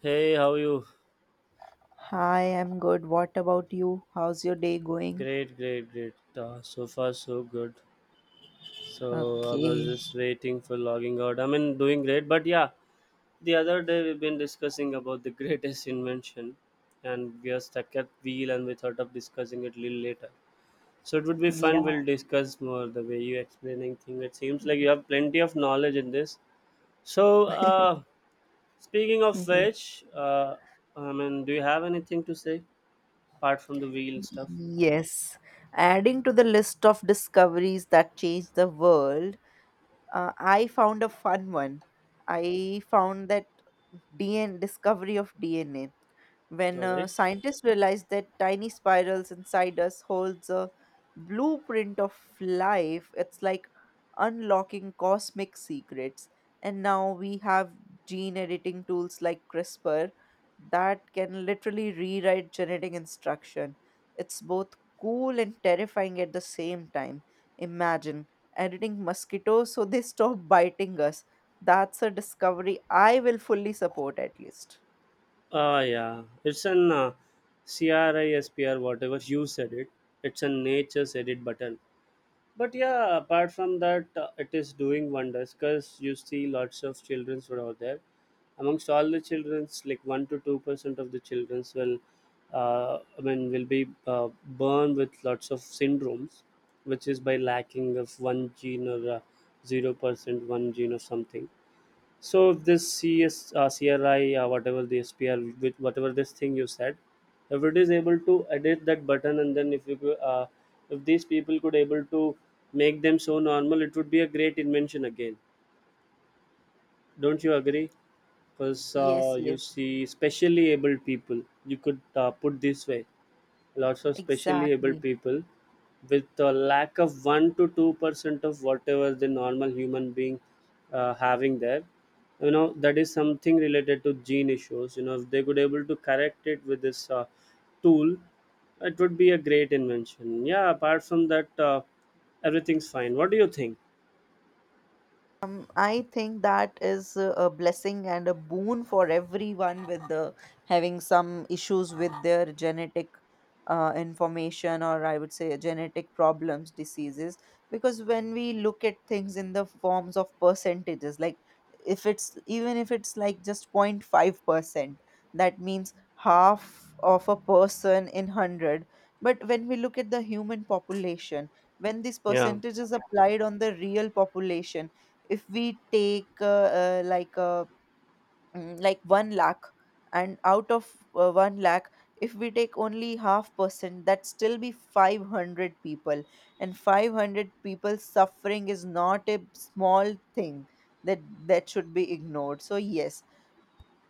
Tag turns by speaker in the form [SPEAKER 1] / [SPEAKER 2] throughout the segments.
[SPEAKER 1] Hey, how are you?
[SPEAKER 2] Hi, I'm good. What about you? How's your day going?
[SPEAKER 1] Great, great, great. So far, so good. So I was
[SPEAKER 2] Okay.
[SPEAKER 1] just waiting for logging out. I mean, doing great, but yeah, the other day we've been discussing about the greatest invention, and we are stuck at wheel, and we thought of discussing it little later. So it would be fun.
[SPEAKER 2] Yeah.
[SPEAKER 1] We'll discuss more the way you explaining thing. It seems like you have plenty of knowledge in this. So, uh, Speaking of
[SPEAKER 2] Mhm.
[SPEAKER 1] which, I mean, do you have anything to say apart from the wheel stuff?
[SPEAKER 2] Yes. Adding to the list of discoveries that changed the world, I found a fun one. I found that DNA, discovery of DNA, when
[SPEAKER 1] All right.
[SPEAKER 2] scientists realized that tiny spirals inside us holds a blueprint of life. It's like unlocking cosmic secrets, and now we have gene editing tools like crispr that can literally rewrite genetic instruction. It's both cool and terrifying at the same time. Imagine editing mosquitoes so they stop biting us. That's a discovery I will fully support, at least.
[SPEAKER 1] Ah yeah, it's an CRISPR, whatever you said it. It's a nature's edit button. But yeah, apart from that, it is doing wonders because you see lots of childrens were out there. Amongst all the childrens, like 1 to 2 percent of the childrens will, I mean, will be born with lots of syndromes, which is by lacking of one gene or 0 percent one gene or something. So this whatever the SPR, with whatever this thing you said, if it is able to edit that button, and then if you could, if these people could able to make them so normal, it would be a great invention again. Don't you agree? Because
[SPEAKER 2] Yes,
[SPEAKER 1] you
[SPEAKER 2] yes,
[SPEAKER 1] see, specially able people, you could put this way lots of specially able
[SPEAKER 2] exactly.
[SPEAKER 1] people with a lack of 1 to 2% of whatever the normal human being having there, you know, that is something related to gene issues, you know, if they could able to correct it with this tool, it would be a great invention. Yeah, apart from that, everything's fine. What do you think?
[SPEAKER 2] I think that is a blessing and a boon for everyone with having some issues with their genetic information, or I would say genetic problems, diseases. Because when we look at things in the forms of percentages, like if it's even if it's like just 0.5%, that means half of a person in 100. But when we look at the human population, when these
[SPEAKER 1] Yeah.
[SPEAKER 2] percentages applied on the real population, if we take uh, like uh, like 1 lakh, and out of 1 lakh, if we take only half percent, that still be 500 people. And 500 people suffering is not a small thing, that should be ignored. So yes,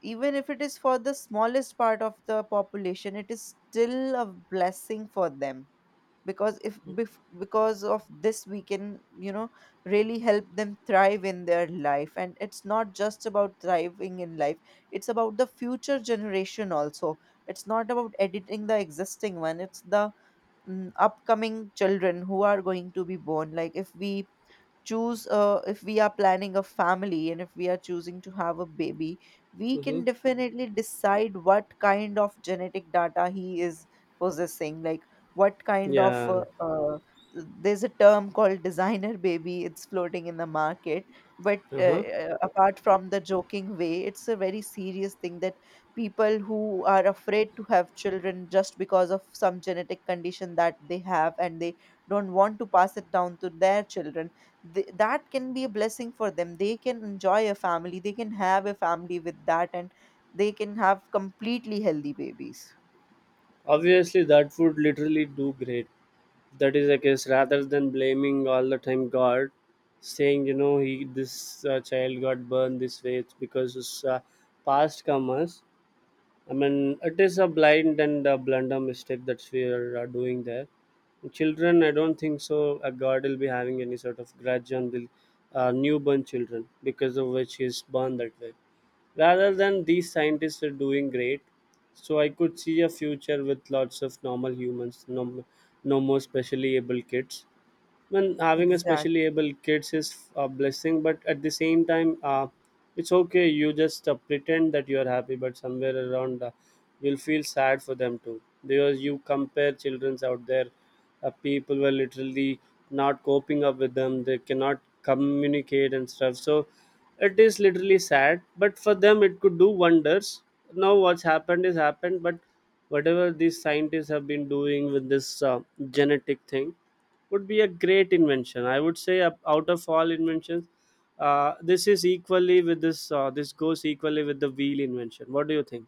[SPEAKER 2] even if it is for the smallest part of the population, it is still a blessing for them. Because if bef- because of this, we can, really help them thrive in their life. And it's not just about thriving in life, it's about the future generation also. It's not about editing the existing one, it's the upcoming children who are going to be born. Like if we choose if we are planning a family, and if we are choosing to have a baby, we
[SPEAKER 1] Mm-hmm.
[SPEAKER 2] can definitely decide what kind of genetic data he is possessing. Like what kind of
[SPEAKER 1] Yeah.
[SPEAKER 2] there's a term called designer baby, it's floating in the market. But
[SPEAKER 1] Uh-huh.
[SPEAKER 2] apart from the joking way, it's a very serious thing that people who are afraid to have children just because of some genetic condition that they have, and they don't want to pass it down to their children, that can be a blessing for them. They can enjoy a family, they can have a family with that, and they can have completely healthy babies.
[SPEAKER 1] Obviously that would literally do great. That is the case rather than blaming all the time god, saying you know he this child got burned this way, it's because his past karmas. I mean it is a blind and a blunder mistake that we are doing there, children. I don't think so a god will be having any sort of grudge on the newborn children because of which he is born that way. Rather than these scientists are doing great, so I could see a future with lots of normal humans, no, no more specially able kids, when having a specially
[SPEAKER 2] Exactly.
[SPEAKER 1] able kids is a blessing but at the same time, it's okay, you just pretend that you are happy but somewhere around, you'll feel sad for them too because you compare children's out there. People were literally not coping up with them, they cannot communicate and stuff, so it is literally sad but for them it could do wonders. Now what's happened is happened, but whatever these scientists have been doing with this genetic thing would be a great invention. I would say out of all inventions, this is equally with this. This goes equally with the wheel invention. What do you think?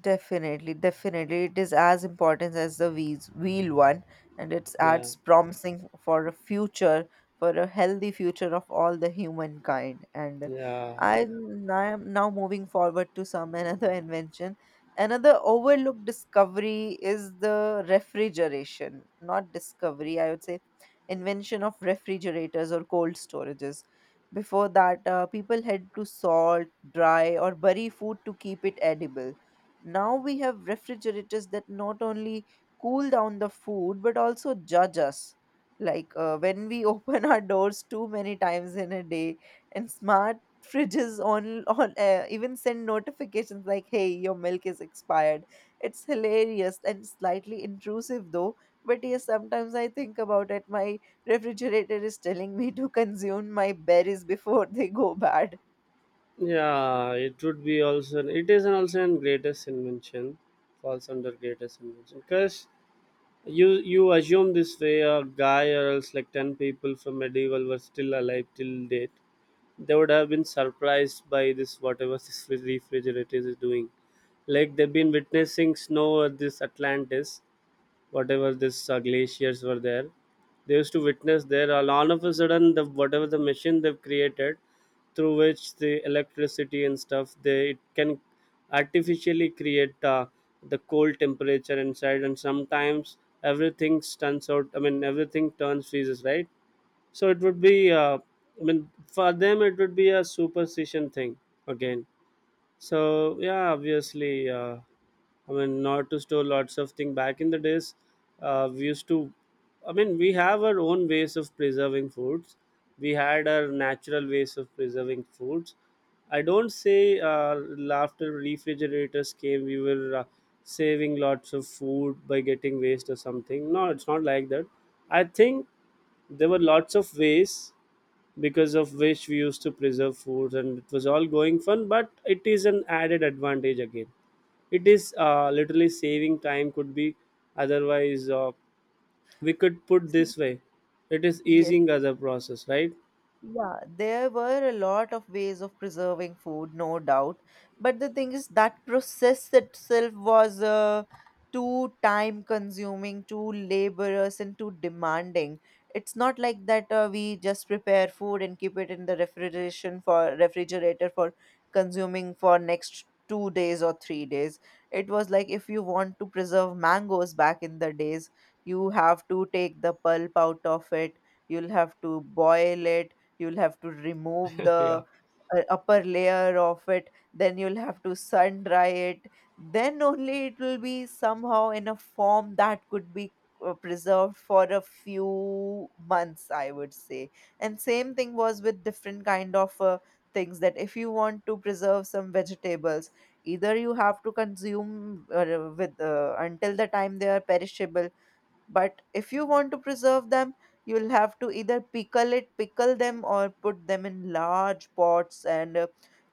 [SPEAKER 2] Definitely, definitely. It is as important as the wheel one, and it
[SPEAKER 1] Yeah,
[SPEAKER 2] adds promising for a for a healthy future of all the humankind. And
[SPEAKER 1] yeah,
[SPEAKER 2] I am now moving forward to some another invention. Another overlooked discovery is the refrigeration. Not discovery, I would say, invention of refrigerators or cold storages. Before that, people had to salt, dry, or bury food to keep it edible. Now we have refrigerators that not only cool down the food but also judge us. Like when we open our doors too many times in a day, and smart fridges on even send notifications like, "Hey, your milk is expired." It's hilarious and slightly intrusive though. But yes, sometimes I think about it. My refrigerator is telling me to consume my berries before they go bad.
[SPEAKER 1] yeah. It would be also. It is an also an greatest invention. Falls under greatest invention because you you assume this way a guy or else like 10 people from medieval were still alive till date, they would have been surprised by this whatever this refrigerators is doing, like they've been witnessing snow at this atlantis, whatever this glaciers were there, they used to witness there. All of a sudden the whatever the machine they've created through which the electricity and stuff, they it can artificially create the cold temperature inside, and sometimes everything turns out, I mean everything turns freezes right. So it would be, I mean for them it would be a superstition thing again. So yeah, obviously, I mean, not to store lots of things. Back in the days, we used to. I mean, we have our own ways of preserving foods. We had our natural ways of preserving foods. I don't say after refrigerators came, we were saving lots of food by getting waste or something. No, it's not like that. I think there were lots of ways because of which we used to preserve food and it was all going fun, but it is an added advantage again. It is literally saving time, could be otherwise, we could put this way, it is
[SPEAKER 2] Yes.
[SPEAKER 1] easing other process, right?
[SPEAKER 2] Yeah, there were a lot of ways of preserving food, no doubt. But the thing is, that process itself was too time consuming, too laborious, and too demanding. It's not like that we just prepare food and keep it in the refrigeration for refrigerator for consuming for next 2 days or 3 days. It was like, if you want to preserve mangoes back in the days, you have to take the pulp out of it. You'll have to boil it, you'll have to remove
[SPEAKER 1] Yeah,
[SPEAKER 2] the upper layer of it, then you'll have to sun dry it. Then only it will be somehow in a form that could be preserved for a few months, I would say. And same thing was with different kind of things. That if you want to preserve some vegetables, either you have to consume with until the time they are perishable. But if you want to preserve them, you'll have to either pickle them, or put them in large pots and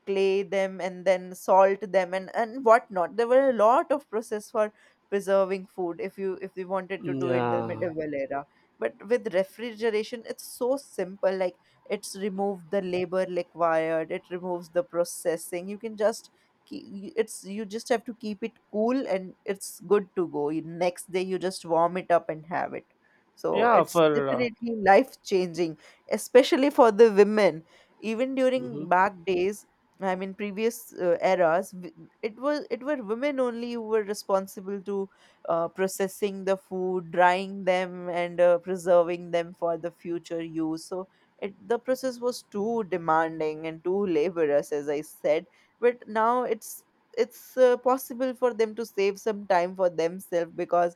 [SPEAKER 2] clay them and then salt them, and whatnot. There were a lot of process for preserving food, if you wanted to do in the
[SPEAKER 1] yeah,
[SPEAKER 2] medieval era. But with refrigeration, it's so simple. Like, it's removed the labor required, it removes the processing. You can just ke- it's you just have to keep it cool, and it's good to go. Next day you just warm it up and have it. So
[SPEAKER 1] yeah,
[SPEAKER 2] it's
[SPEAKER 1] for
[SPEAKER 2] definitely life changing, especially for the women. Even
[SPEAKER 1] mhm.
[SPEAKER 2] during back days, I mean previous eras, it were women only who were responsible to processing the food, drying them, and preserving them for the future use. So the process was too demanding and too laborious, as I said. But now it's possible for them to save some time for themselves, because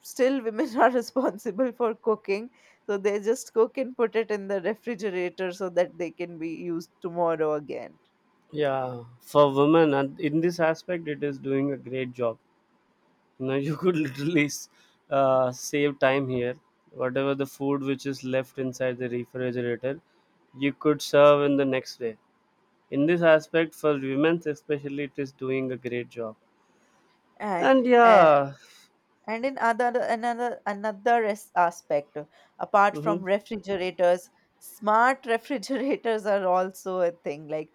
[SPEAKER 2] still women are responsible for cooking. So they just cook and put it in the refrigerator so that they can be used tomorrow again.
[SPEAKER 1] Yeah, for women and in this aspect it is doing a great job. No, you could literally save time here. Whatever the food which is left inside the refrigerator, you could serve in the next day. In this aspect, for women especially, it is doing a great job.
[SPEAKER 2] And
[SPEAKER 1] And
[SPEAKER 2] uh,
[SPEAKER 1] yeah,
[SPEAKER 2] and in other another another as- aspect apart from
[SPEAKER 1] mm-hmm,
[SPEAKER 2] refrigerators, smart refrigerators are also a thing. Like,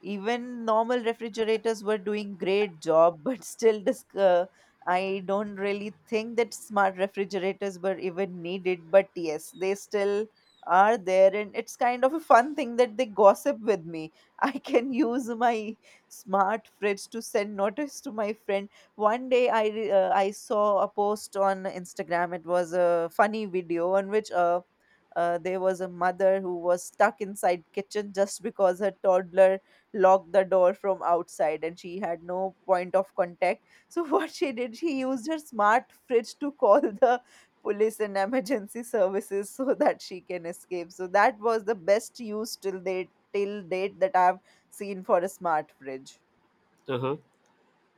[SPEAKER 2] even normal refrigerators were doing great job. But still this I don't really think that smart refrigerators were even needed, but yes, they still are there. And it's kind of a fun thing that they gossip with me. I can use my smart fridge to send notice to my friend. One day I saw a post on instagram. It was a funny video on which there was a mother who was stuck inside kitchen just because her toddler locked the door from outside, and she had no point of contact. So, what she did, she used her smart fridge to call the police and emergency services so that she can escape. So, that was the best use till date, till date, that I've seen for a smart fridge.
[SPEAKER 1] uh-huh.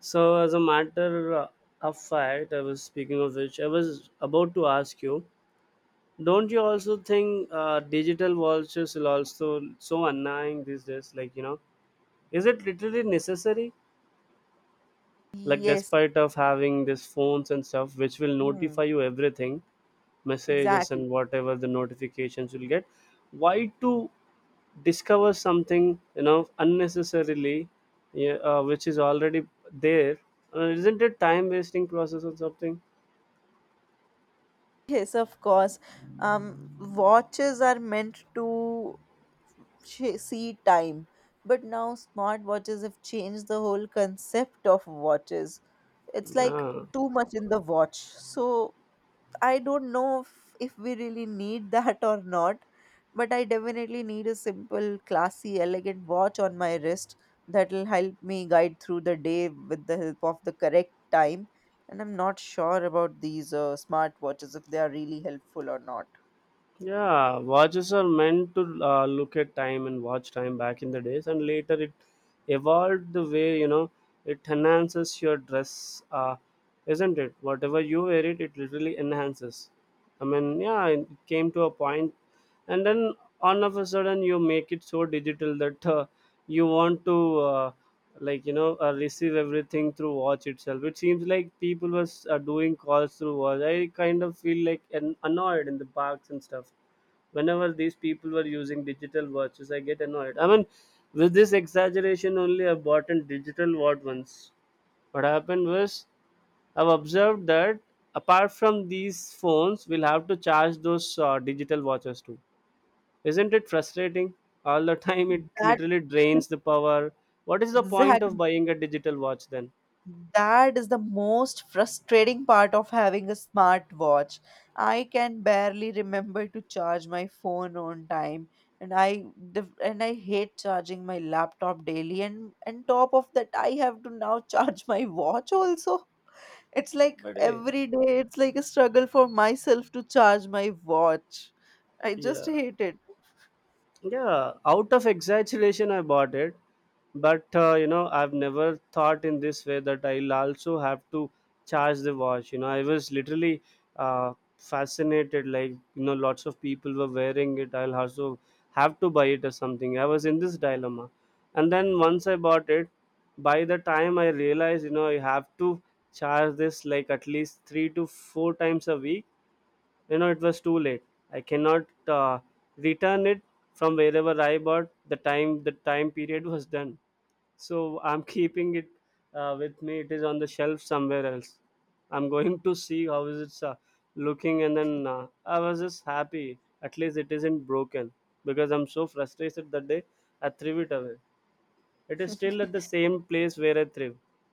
[SPEAKER 1] So as a matter of fact, I was speaking of which I was about to ask you. Don't you also think digital vouchers will also so annoying these days? Like you know, is it literally necessary? Like
[SPEAKER 2] Yes.
[SPEAKER 1] despite of having these phones and stuff which will
[SPEAKER 2] Hmm,
[SPEAKER 1] notify you everything, messages
[SPEAKER 2] exactly.
[SPEAKER 1] and whatever the notifications you'll get, why to discover something, you know, unnecessarily, yeah, which is already there, isn't it time wasting process or something?
[SPEAKER 2] Yes, of course. Watches are meant to see time. But now smartwatches have changed the whole concept of watches. It's like
[SPEAKER 1] Yeah.
[SPEAKER 2] too much in the watch. So I don't know if we really need that or not. But I definitely need a simple, classy, elegant watch on my wrist that'll help me guide through the day with the help of the correct time. And I'm not sure about these smart watches, if they are really helpful or not.
[SPEAKER 1] Yeah, watches are meant to look at time and watch time back in the days, and later it evolved the way you know it enhances your dress, isn't it? Whatever you wear it, it literally enhances. I mean, yeah, it came to a point, and then all of a sudden you make it so digital that, you want to, like you know, receive everything through watch itself. It seems like people was doing calls through watch. I kind of feel like annoyed in the parks and stuff whenever these people were using digital watches. I get annoyed, I mean, with this exaggeration only I bought a digital watch once. What happened was I've observed that apart from these phones, we'll have to charge those digital watches too. Isn't it frustrating? All the time it
[SPEAKER 2] That
[SPEAKER 1] literally drains the power. What is the point
[SPEAKER 2] exact
[SPEAKER 1] of buying a digital watch then?
[SPEAKER 2] That is the most frustrating part of having a smartwatch. I can barely remember to charge my phone on time, and I hate charging my laptop daily. And top of that, I have to now charge my watch also. It's like
[SPEAKER 1] But eh,
[SPEAKER 2] every day, it's like a struggle for myself to charge my watch. I just
[SPEAKER 1] yeah.
[SPEAKER 2] hate it.
[SPEAKER 1] Yeah, out of exaggeration, I bought it, but you know, I've never thought in this way that I'll also have to charge the watch. You know, I was literally fascinated. Like, you know, lots of people were wearing it, I'll also have to buy it or something. I was in this dilemma, and then once I bought it, by the time I realized, you know, I have to charge this like at least 3 to 4 times a week. You know, it was too late. I cannot, uh, return it from wherever I bought, the time period was done. So I'm keeping it, with me. It is on the shelf somewhere else. I'm going to see how is it, looking, and then, I was just happy at least it isn't broken, because I'm so frustrated that day I threw it away. It is still at the same place where I threw, you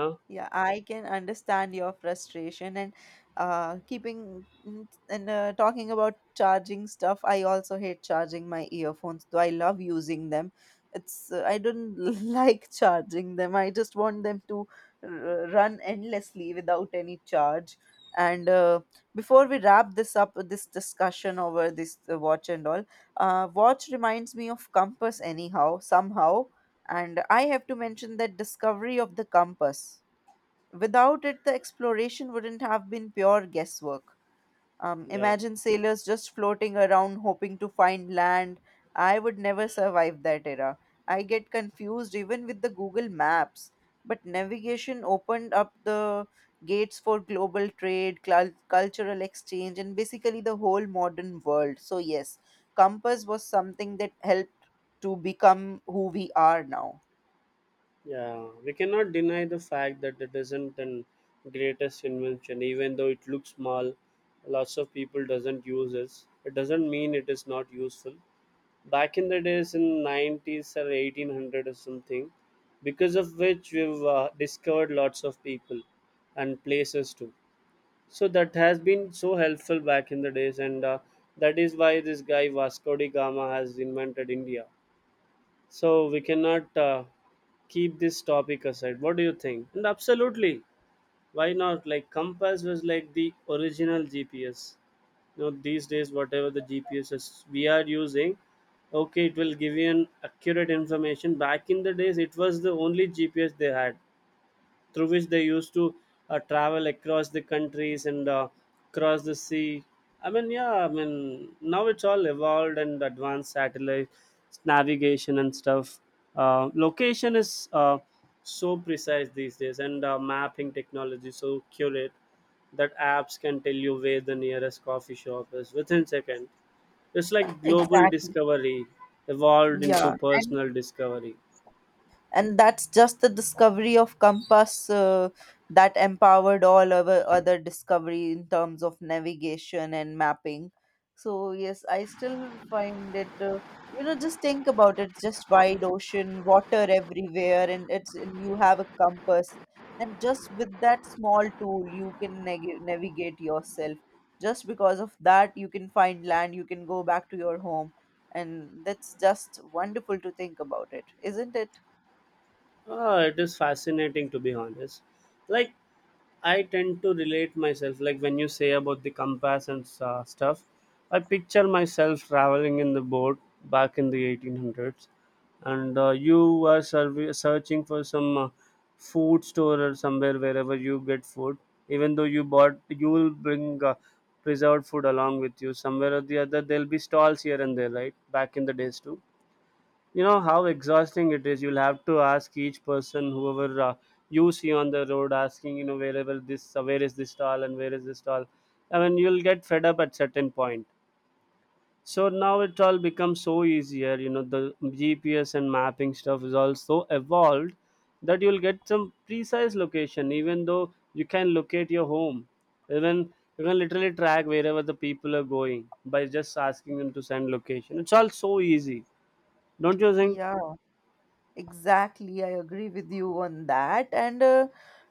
[SPEAKER 1] know.
[SPEAKER 2] Yeah, I can understand your frustration and talking about charging stuff, I also hate charging my earphones, though I love using them. It's I don't like charging them. I just want them to run endlessly without any charge. And before we wrap this up, this discussion over this watch and all, watch reminds me of compass anyhow, somehow. And I have to mention that discovery of the compass. Without it, the exploration wouldn't have been pure guesswork.
[SPEAKER 1] Yeah.
[SPEAKER 2] Imagine sailors just floating around hoping to find land. I would never survive that era. I get confused even with the Google Maps. But navigation opened up the gates for global trade, cultural exchange, and basically the whole modern world. So yes, compass was something that helped to become who we are now.
[SPEAKER 1] Yeah, we cannot deny the fact that it isn't an greatest invention, even though it looks small. Lots of people doesn't use it. It doesn't mean it is not useful. Back in the days in 90s or 1800 or something, because of which we've discovered lots of people and places too. So that has been so helpful back in the days, and that is why this guy Vasco da Gama has invented India. So we cannot, keep this topic aside. What do you think? And absolutely, why not? Like compass was like the original GPS. You know, these days whatever the GPS is we are using, okay, it will give you an accurate information. Back in the days it was the only GPS they had, through which they used to travel across the countries and across the sea. I mean, yeah, I mean, now it's all evolved and advanced satellite navigation and stuff. Location is, so precise these days, and mapping technology so curate that apps can tell you where the nearest coffee shop is within second. It's like global
[SPEAKER 2] Exactly.
[SPEAKER 1] discovery evolved into
[SPEAKER 2] Yeah. And
[SPEAKER 1] personal discovery.
[SPEAKER 2] and that's just the discovery of compass that empowered all our other discovery in terms of navigation and mapping. So yes, I still find it just think about it, just wide ocean water everywhere. And it's and you have a compass, and just with that small tool you can navigate yourself. Just because of that you can find land, you can go back to your home. And that's just wonderful to think about, it isn't it?
[SPEAKER 1] Ah, it is fascinating to be honest. Like I tend to relate myself. Like when you say about the compass and stuff, I picture myself traveling in the boat back in the 1800s, and you were searching for some food store or somewhere wherever you get food. Even though you bought, you will bring preserved food along with you. Somewhere or the other, there'll be stalls here and there, right? Back in the days too, you know how exhausting it is. You'll have to ask each person whoever you see on the road, asking, wherever this where is this stall and where is this stall. I mean, you'll get fed up at certain point. So now it all becomes so easier, you know, the GPS and mapping stuff is also evolved, that you'll get some precise location. Even though you can locate your home, even you can literally track wherever the people are going by just asking them to send location. It's all so easy, don't you think?
[SPEAKER 2] Yeah, exactly. I agree with you on that. And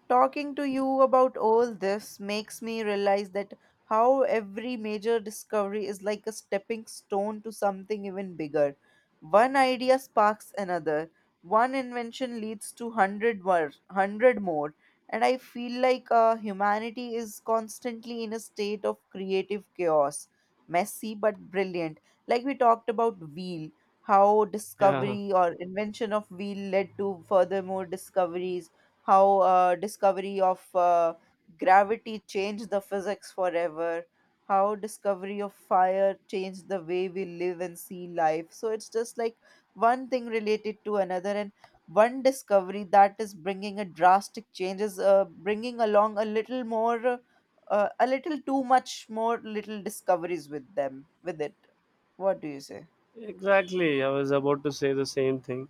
[SPEAKER 2] talking to you about all this makes me realize that how every major discovery is like a stepping stone to something even bigger. One idea sparks another. One invention leads to 100 more, 100 more. And I feel like humanity is constantly in a state of creative chaos, messy but brilliant. Like we talked about wheel, how
[SPEAKER 1] Yeah.
[SPEAKER 2] discovery or invention of wheel led to furthermore discoveries, how discovery of gravity changed the physics forever, how discovery of fire changed the way we live and see life. So it's just like one thing related to another, and one discovery that is bringing a drastic change is bringing along a little more. A little too much more little discoveries with it. What do you say?
[SPEAKER 1] Exactly. I was about to say the same thing.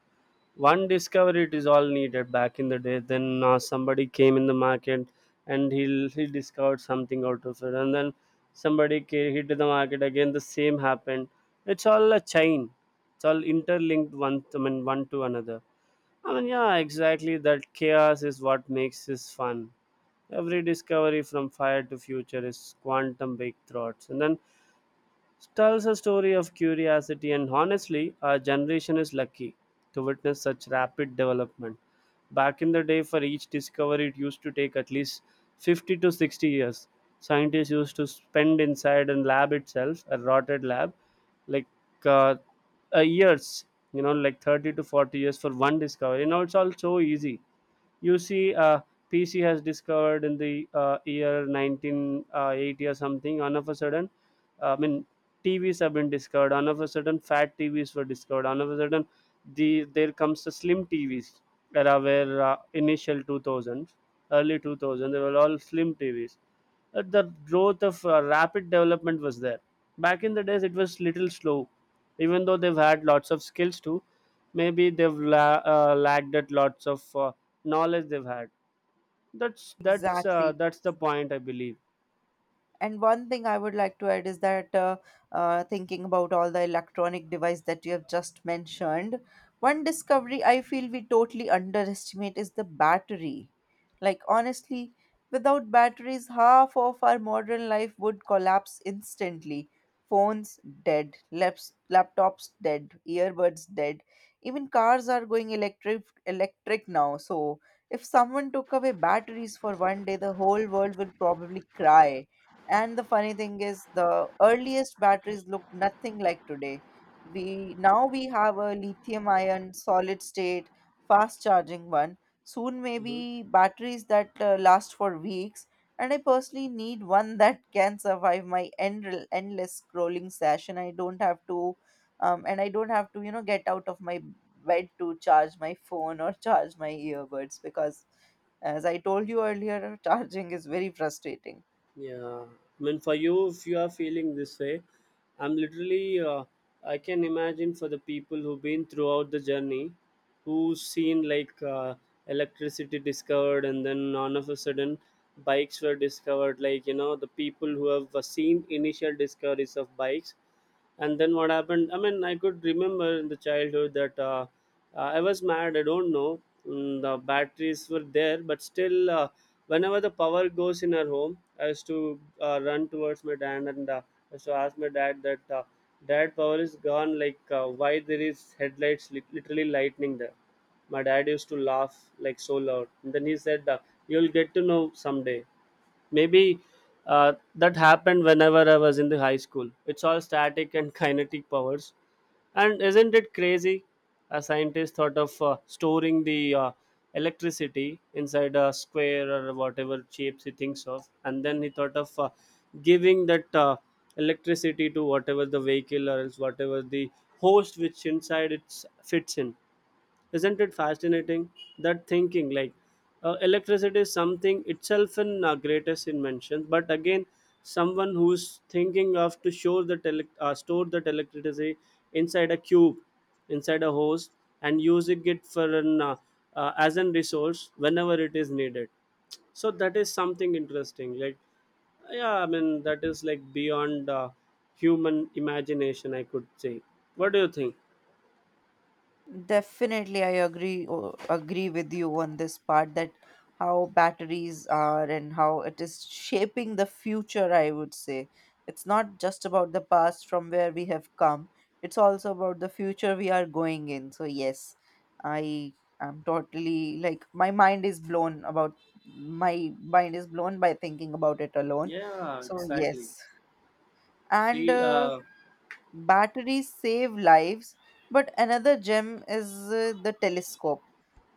[SPEAKER 1] One discovery, it is all needed back in the day. Then somebody came in the market, and he discovered something out of it, and then somebody came, hit the market again. The same happened. It's all a chain. It's all interlinked one. I mean, one to another. I mean, yeah, exactly. That chaos is what makes this fun. Every discovery from fire to future is quantum breakthroughs, and then tells a story of curiosity. And honestly, our generation is lucky to witness such rapid development. Back in the day, for each discovery, it used to take at least 50 to 60 years. Scientists used to spend inside a lab itself, a rotted lab, like uh, years, you know, like 30 to 40 years for one discovery. Now it's all so easy. You see pc has discovered in the year 1980 or something all of a sudden. I mean, tvs have been discovered all of a sudden, fat tvs were discovered all of a sudden. There comes the slim tvs era, where initial 2000s, early 2000, they were all slim tvs. The growth of rapid development was there. Back in the days, it was little slow, even though they've had lots of skills too. Maybe they've lagged at lots of knowledge they've had. that's that's uh,
[SPEAKER 2] Exactly.
[SPEAKER 1] that's the point I believe.
[SPEAKER 2] And one thing I would like to add is that thinking about all the electronic device that you have just mentioned, one discovery I feel we totally underestimate is the battery. Like, honestly, without batteries, half of our modern life would collapse instantly. Phones dead, laptops dead, earbuds dead. Even cars are going electric now. So if someone took away batteries for 1 day, the whole world would probably cry. And the funny thing is, the earliest batteries looked nothing like today. We now we have a lithium ion solid state fast charging one. Soon
[SPEAKER 1] Hmm.
[SPEAKER 2] maybe batteries that last for weeks. And I personally need one that can survive my endless scrolling session. I don't have to, and I don't have to, get out of my bed to charge my phone or charge my earbuds because, as I told you earlier, charging is very frustrating.
[SPEAKER 1] Yeah, I mean, for you, if you are feeling this way, I'm literally, I can imagine for the people who've been throughout the journey, who've seen like electricity discovered, and then all of a sudden, bikes were discovered. Like, you know, the people who have seen initial discoveries of bikes, and then what happened? I mean, I could remember in the childhood that. I was mad, I don't know. The batteries were there, but still whenever the power goes in our home, I used to run towards my dad, and I used to ask my dad that, dad, power is gone, like why there is headlights literally lightning there. My dad used to laugh like so loud, and then he said, you'll get to know someday. Maybe that happened whenever I was in the high school. It's all static and kinetic powers. And isn't it crazy? A scientist thought of storing the electricity inside a square or whatever shapes he thinks of, and then he thought of giving that electricity to whatever the vehicle or else whatever the host which inside it fits in. Isn't it fascinating that, thinking like electricity is something itself in greatest invention, but again, someone who's thinking of to show the elec store that electricity inside a cube, inside a hose, and using it for an as an resource whenever it is needed? So that is something interesting. Like, yeah, I mean that is like beyond human imagination, I could say. What do you think?
[SPEAKER 2] Definitely, I agree with you on this part that how batteries are and how it is shaping the future, I would say. It's not just about the past from where we have come, it's also about the future we are going in. So yes, I am totally like my mind is blown about my mind is blown by thinking about it alone.
[SPEAKER 1] Yeah,
[SPEAKER 2] So
[SPEAKER 1] exactly.
[SPEAKER 2] yes, and
[SPEAKER 1] See,
[SPEAKER 2] batteries save lives, but another gem is the telescope,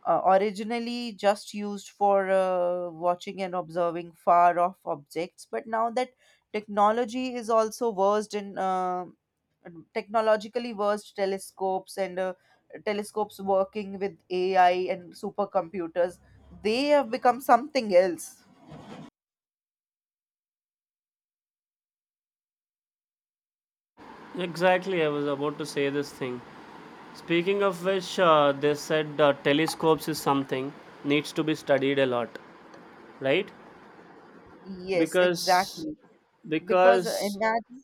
[SPEAKER 2] originally just used for watching and observing far off objects, but now that technology is also versed in technologically versed telescopes and telescopes working with AI and supercomputers, they have become something else.
[SPEAKER 1] exactly, I was about to say this thing. Speaking of which, they said telescopes is something needs to be studied a lot, right?
[SPEAKER 2] Yes,
[SPEAKER 1] Because
[SPEAKER 2] exactly. Because uh,
[SPEAKER 1] because
[SPEAKER 2] imagine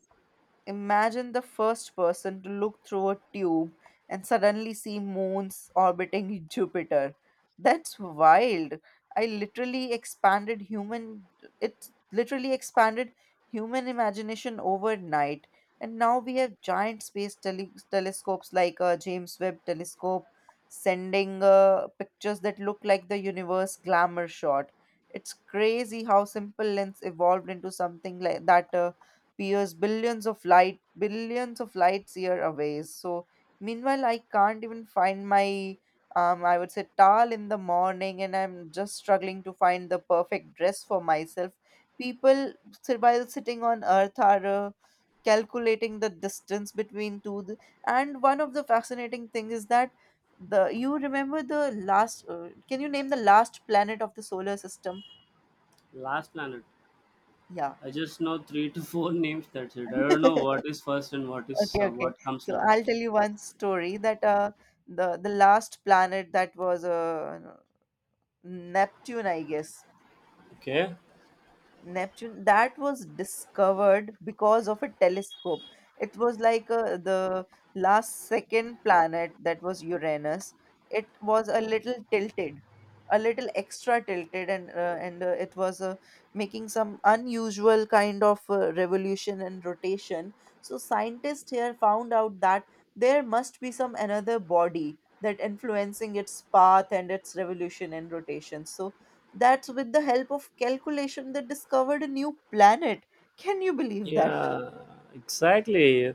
[SPEAKER 2] Imagine the first person to look through a tube and suddenly see moons orbiting Jupiter. That's wild. I literally expanded human it literally expanded human imagination overnight. And now we have giant space telescopes like James Webb telescope sending pictures that look like the universe glamour shot. It's crazy how simple lens evolved into something like that, peers billions of lights year away. So meanwhile I can't even find my, I would say, towel in the morning, and I'm just struggling to find the perfect dress for myself. People while sitting on earth are calculating the distance between and one of the fascinating thing is that the you remember the last, can you name the last planet of the solar system?
[SPEAKER 1] last planet, I just know three to four names. That's it. I don't know
[SPEAKER 2] Yeah.
[SPEAKER 1] what is first and what is
[SPEAKER 2] Okay, okay.
[SPEAKER 1] what comes
[SPEAKER 2] So
[SPEAKER 1] last.
[SPEAKER 2] I'll tell you one story that the last planet that was Neptune, I guess.
[SPEAKER 1] Okay.
[SPEAKER 2] Neptune, that was discovered because of a telescope. It was like the last second planet, that was Uranus. It was a little tilted, a little extra tilted, and it was making some unusual kind of revolution and rotation. So scientists here found out that there must be some another body that influencing its path and its revolution and rotation. So that's with the help of calculation they discovered a new planet. Can you believe that?
[SPEAKER 1] Yeah, exactly.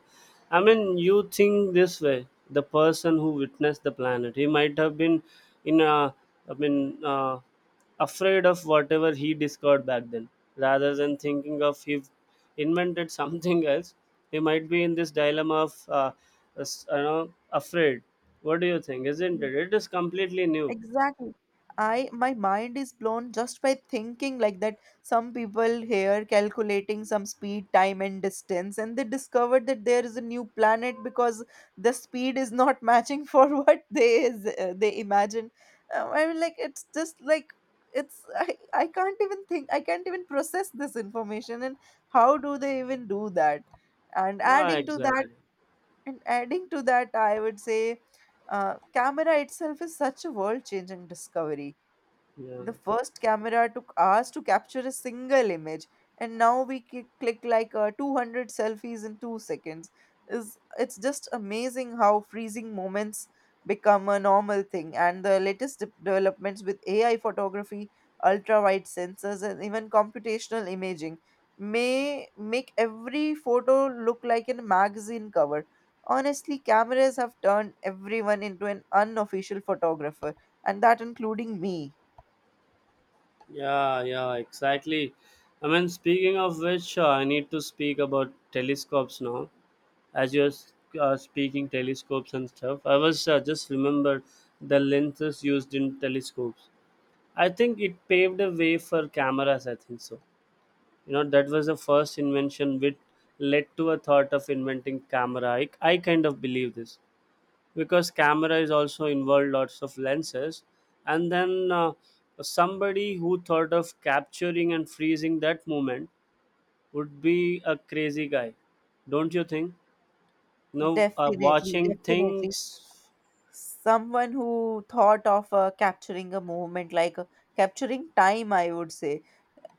[SPEAKER 1] I mean, you think this way. The person who witnessed the planet, he might have been in a, I mean, afraid of whatever he discovered back then. Rather than thinking of he invented something else, he might be in this dilemma of, you know, afraid. What do you think? Isn't it? It is completely new.
[SPEAKER 2] Exactly. I My mind is blown just by thinking like that. Some people here calculating some speed, time and distance, and they discovered that there is a new planet because the speed is not matching for what they imagine. I mean, like, it's just like, it's I can't even think, I can't even process this information. And how do they even do that? and
[SPEAKER 1] Ah,
[SPEAKER 2] adding to that
[SPEAKER 1] exactly.
[SPEAKER 2] And adding to that, I would say camera itself is such a world changing discovery.
[SPEAKER 1] Yeah.
[SPEAKER 2] The first camera took hours to capture a single image, and now we click, click like 200 selfies in 2 seconds. Is it's just amazing how freezing moments become a normal thing, and the latest developments with AI photography, ultra wide sensors, and even computational imaging may make every photo look like a magazine cover. Honestly, cameras have turned everyone into an unofficial photographer, and that including me.
[SPEAKER 1] Yeah, yeah, exactly. I mean, speaking of which, I need to speak about telescopes now. As you're speaking telescopes and stuff, I was just remembered the lenses used in telescopes. I think it paved the way for cameras, I think so. You know, that was the first invention which led to a thought of inventing camera. I kind of believe this, because camera is also involved lots of lenses, and then somebody who thought of capturing and freezing that moment would be a crazy guy, don't you think? No,
[SPEAKER 2] Definitely,
[SPEAKER 1] watching
[SPEAKER 2] definitely.
[SPEAKER 1] things.
[SPEAKER 2] Someone who thought of capturing a moment, like capturing time, I would say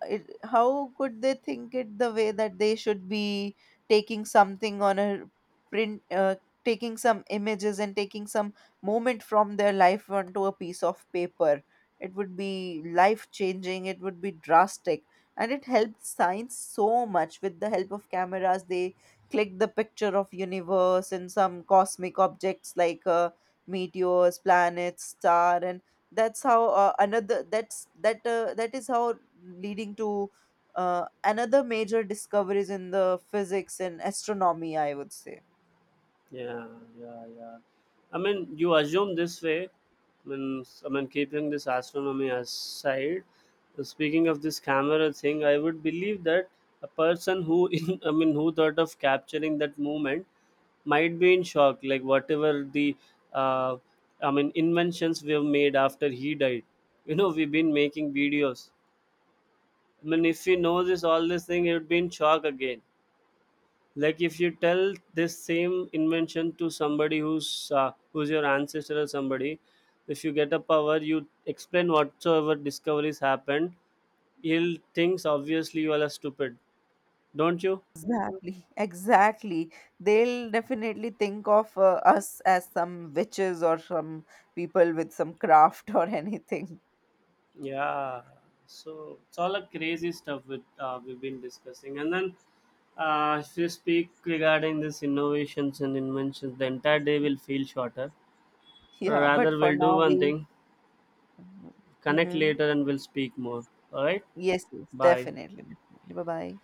[SPEAKER 2] it, how could they think it the way that they should be taking something on a print taking some images and taking some moment from their life onto a piece of paper. It would be life changing, it would be drastic. And it helped science so much. With the help of cameras they clicked the picture of universe and some cosmic objects like meteors, planets, star. And that's how, another that's that that is how, leading to another major discoveries in the physics and astronomy, I would say.
[SPEAKER 1] Yeah, yeah, yeah. I mean, you assume this way. I mean, keeping this astronomy aside, speaking of this camera thing, I would believe that a person who in, I mean, who thought of capturing that moment might be in shock, like whatever the uh, I mean inventions we have made after he died, we've been making videos. I mean, if he knows this all this thing, he would be in shock again. Like if you tell this same invention to somebody who's your ancestor or somebody, if you get a power, you explain whatsoever discoveries happened, he'll thinks, obviously you all are stupid, don't you?
[SPEAKER 2] Exactly, exactly. They'll definitely think of us as some witches or some people with some craft or anything.
[SPEAKER 1] Yeah. So it's all a crazy stuff with, we've been discussing. And then if we speak regarding this innovations and inventions, the entire day will feel shorter.
[SPEAKER 2] Yeah,
[SPEAKER 1] Rather,
[SPEAKER 2] but for
[SPEAKER 1] we'll do
[SPEAKER 2] now
[SPEAKER 1] one
[SPEAKER 2] we…
[SPEAKER 1] thing, connect
[SPEAKER 2] Mhm.
[SPEAKER 1] later and we'll speak more. All right?
[SPEAKER 2] Yes, yes,
[SPEAKER 1] Bye.
[SPEAKER 2] definitely, definitely. Bye bye.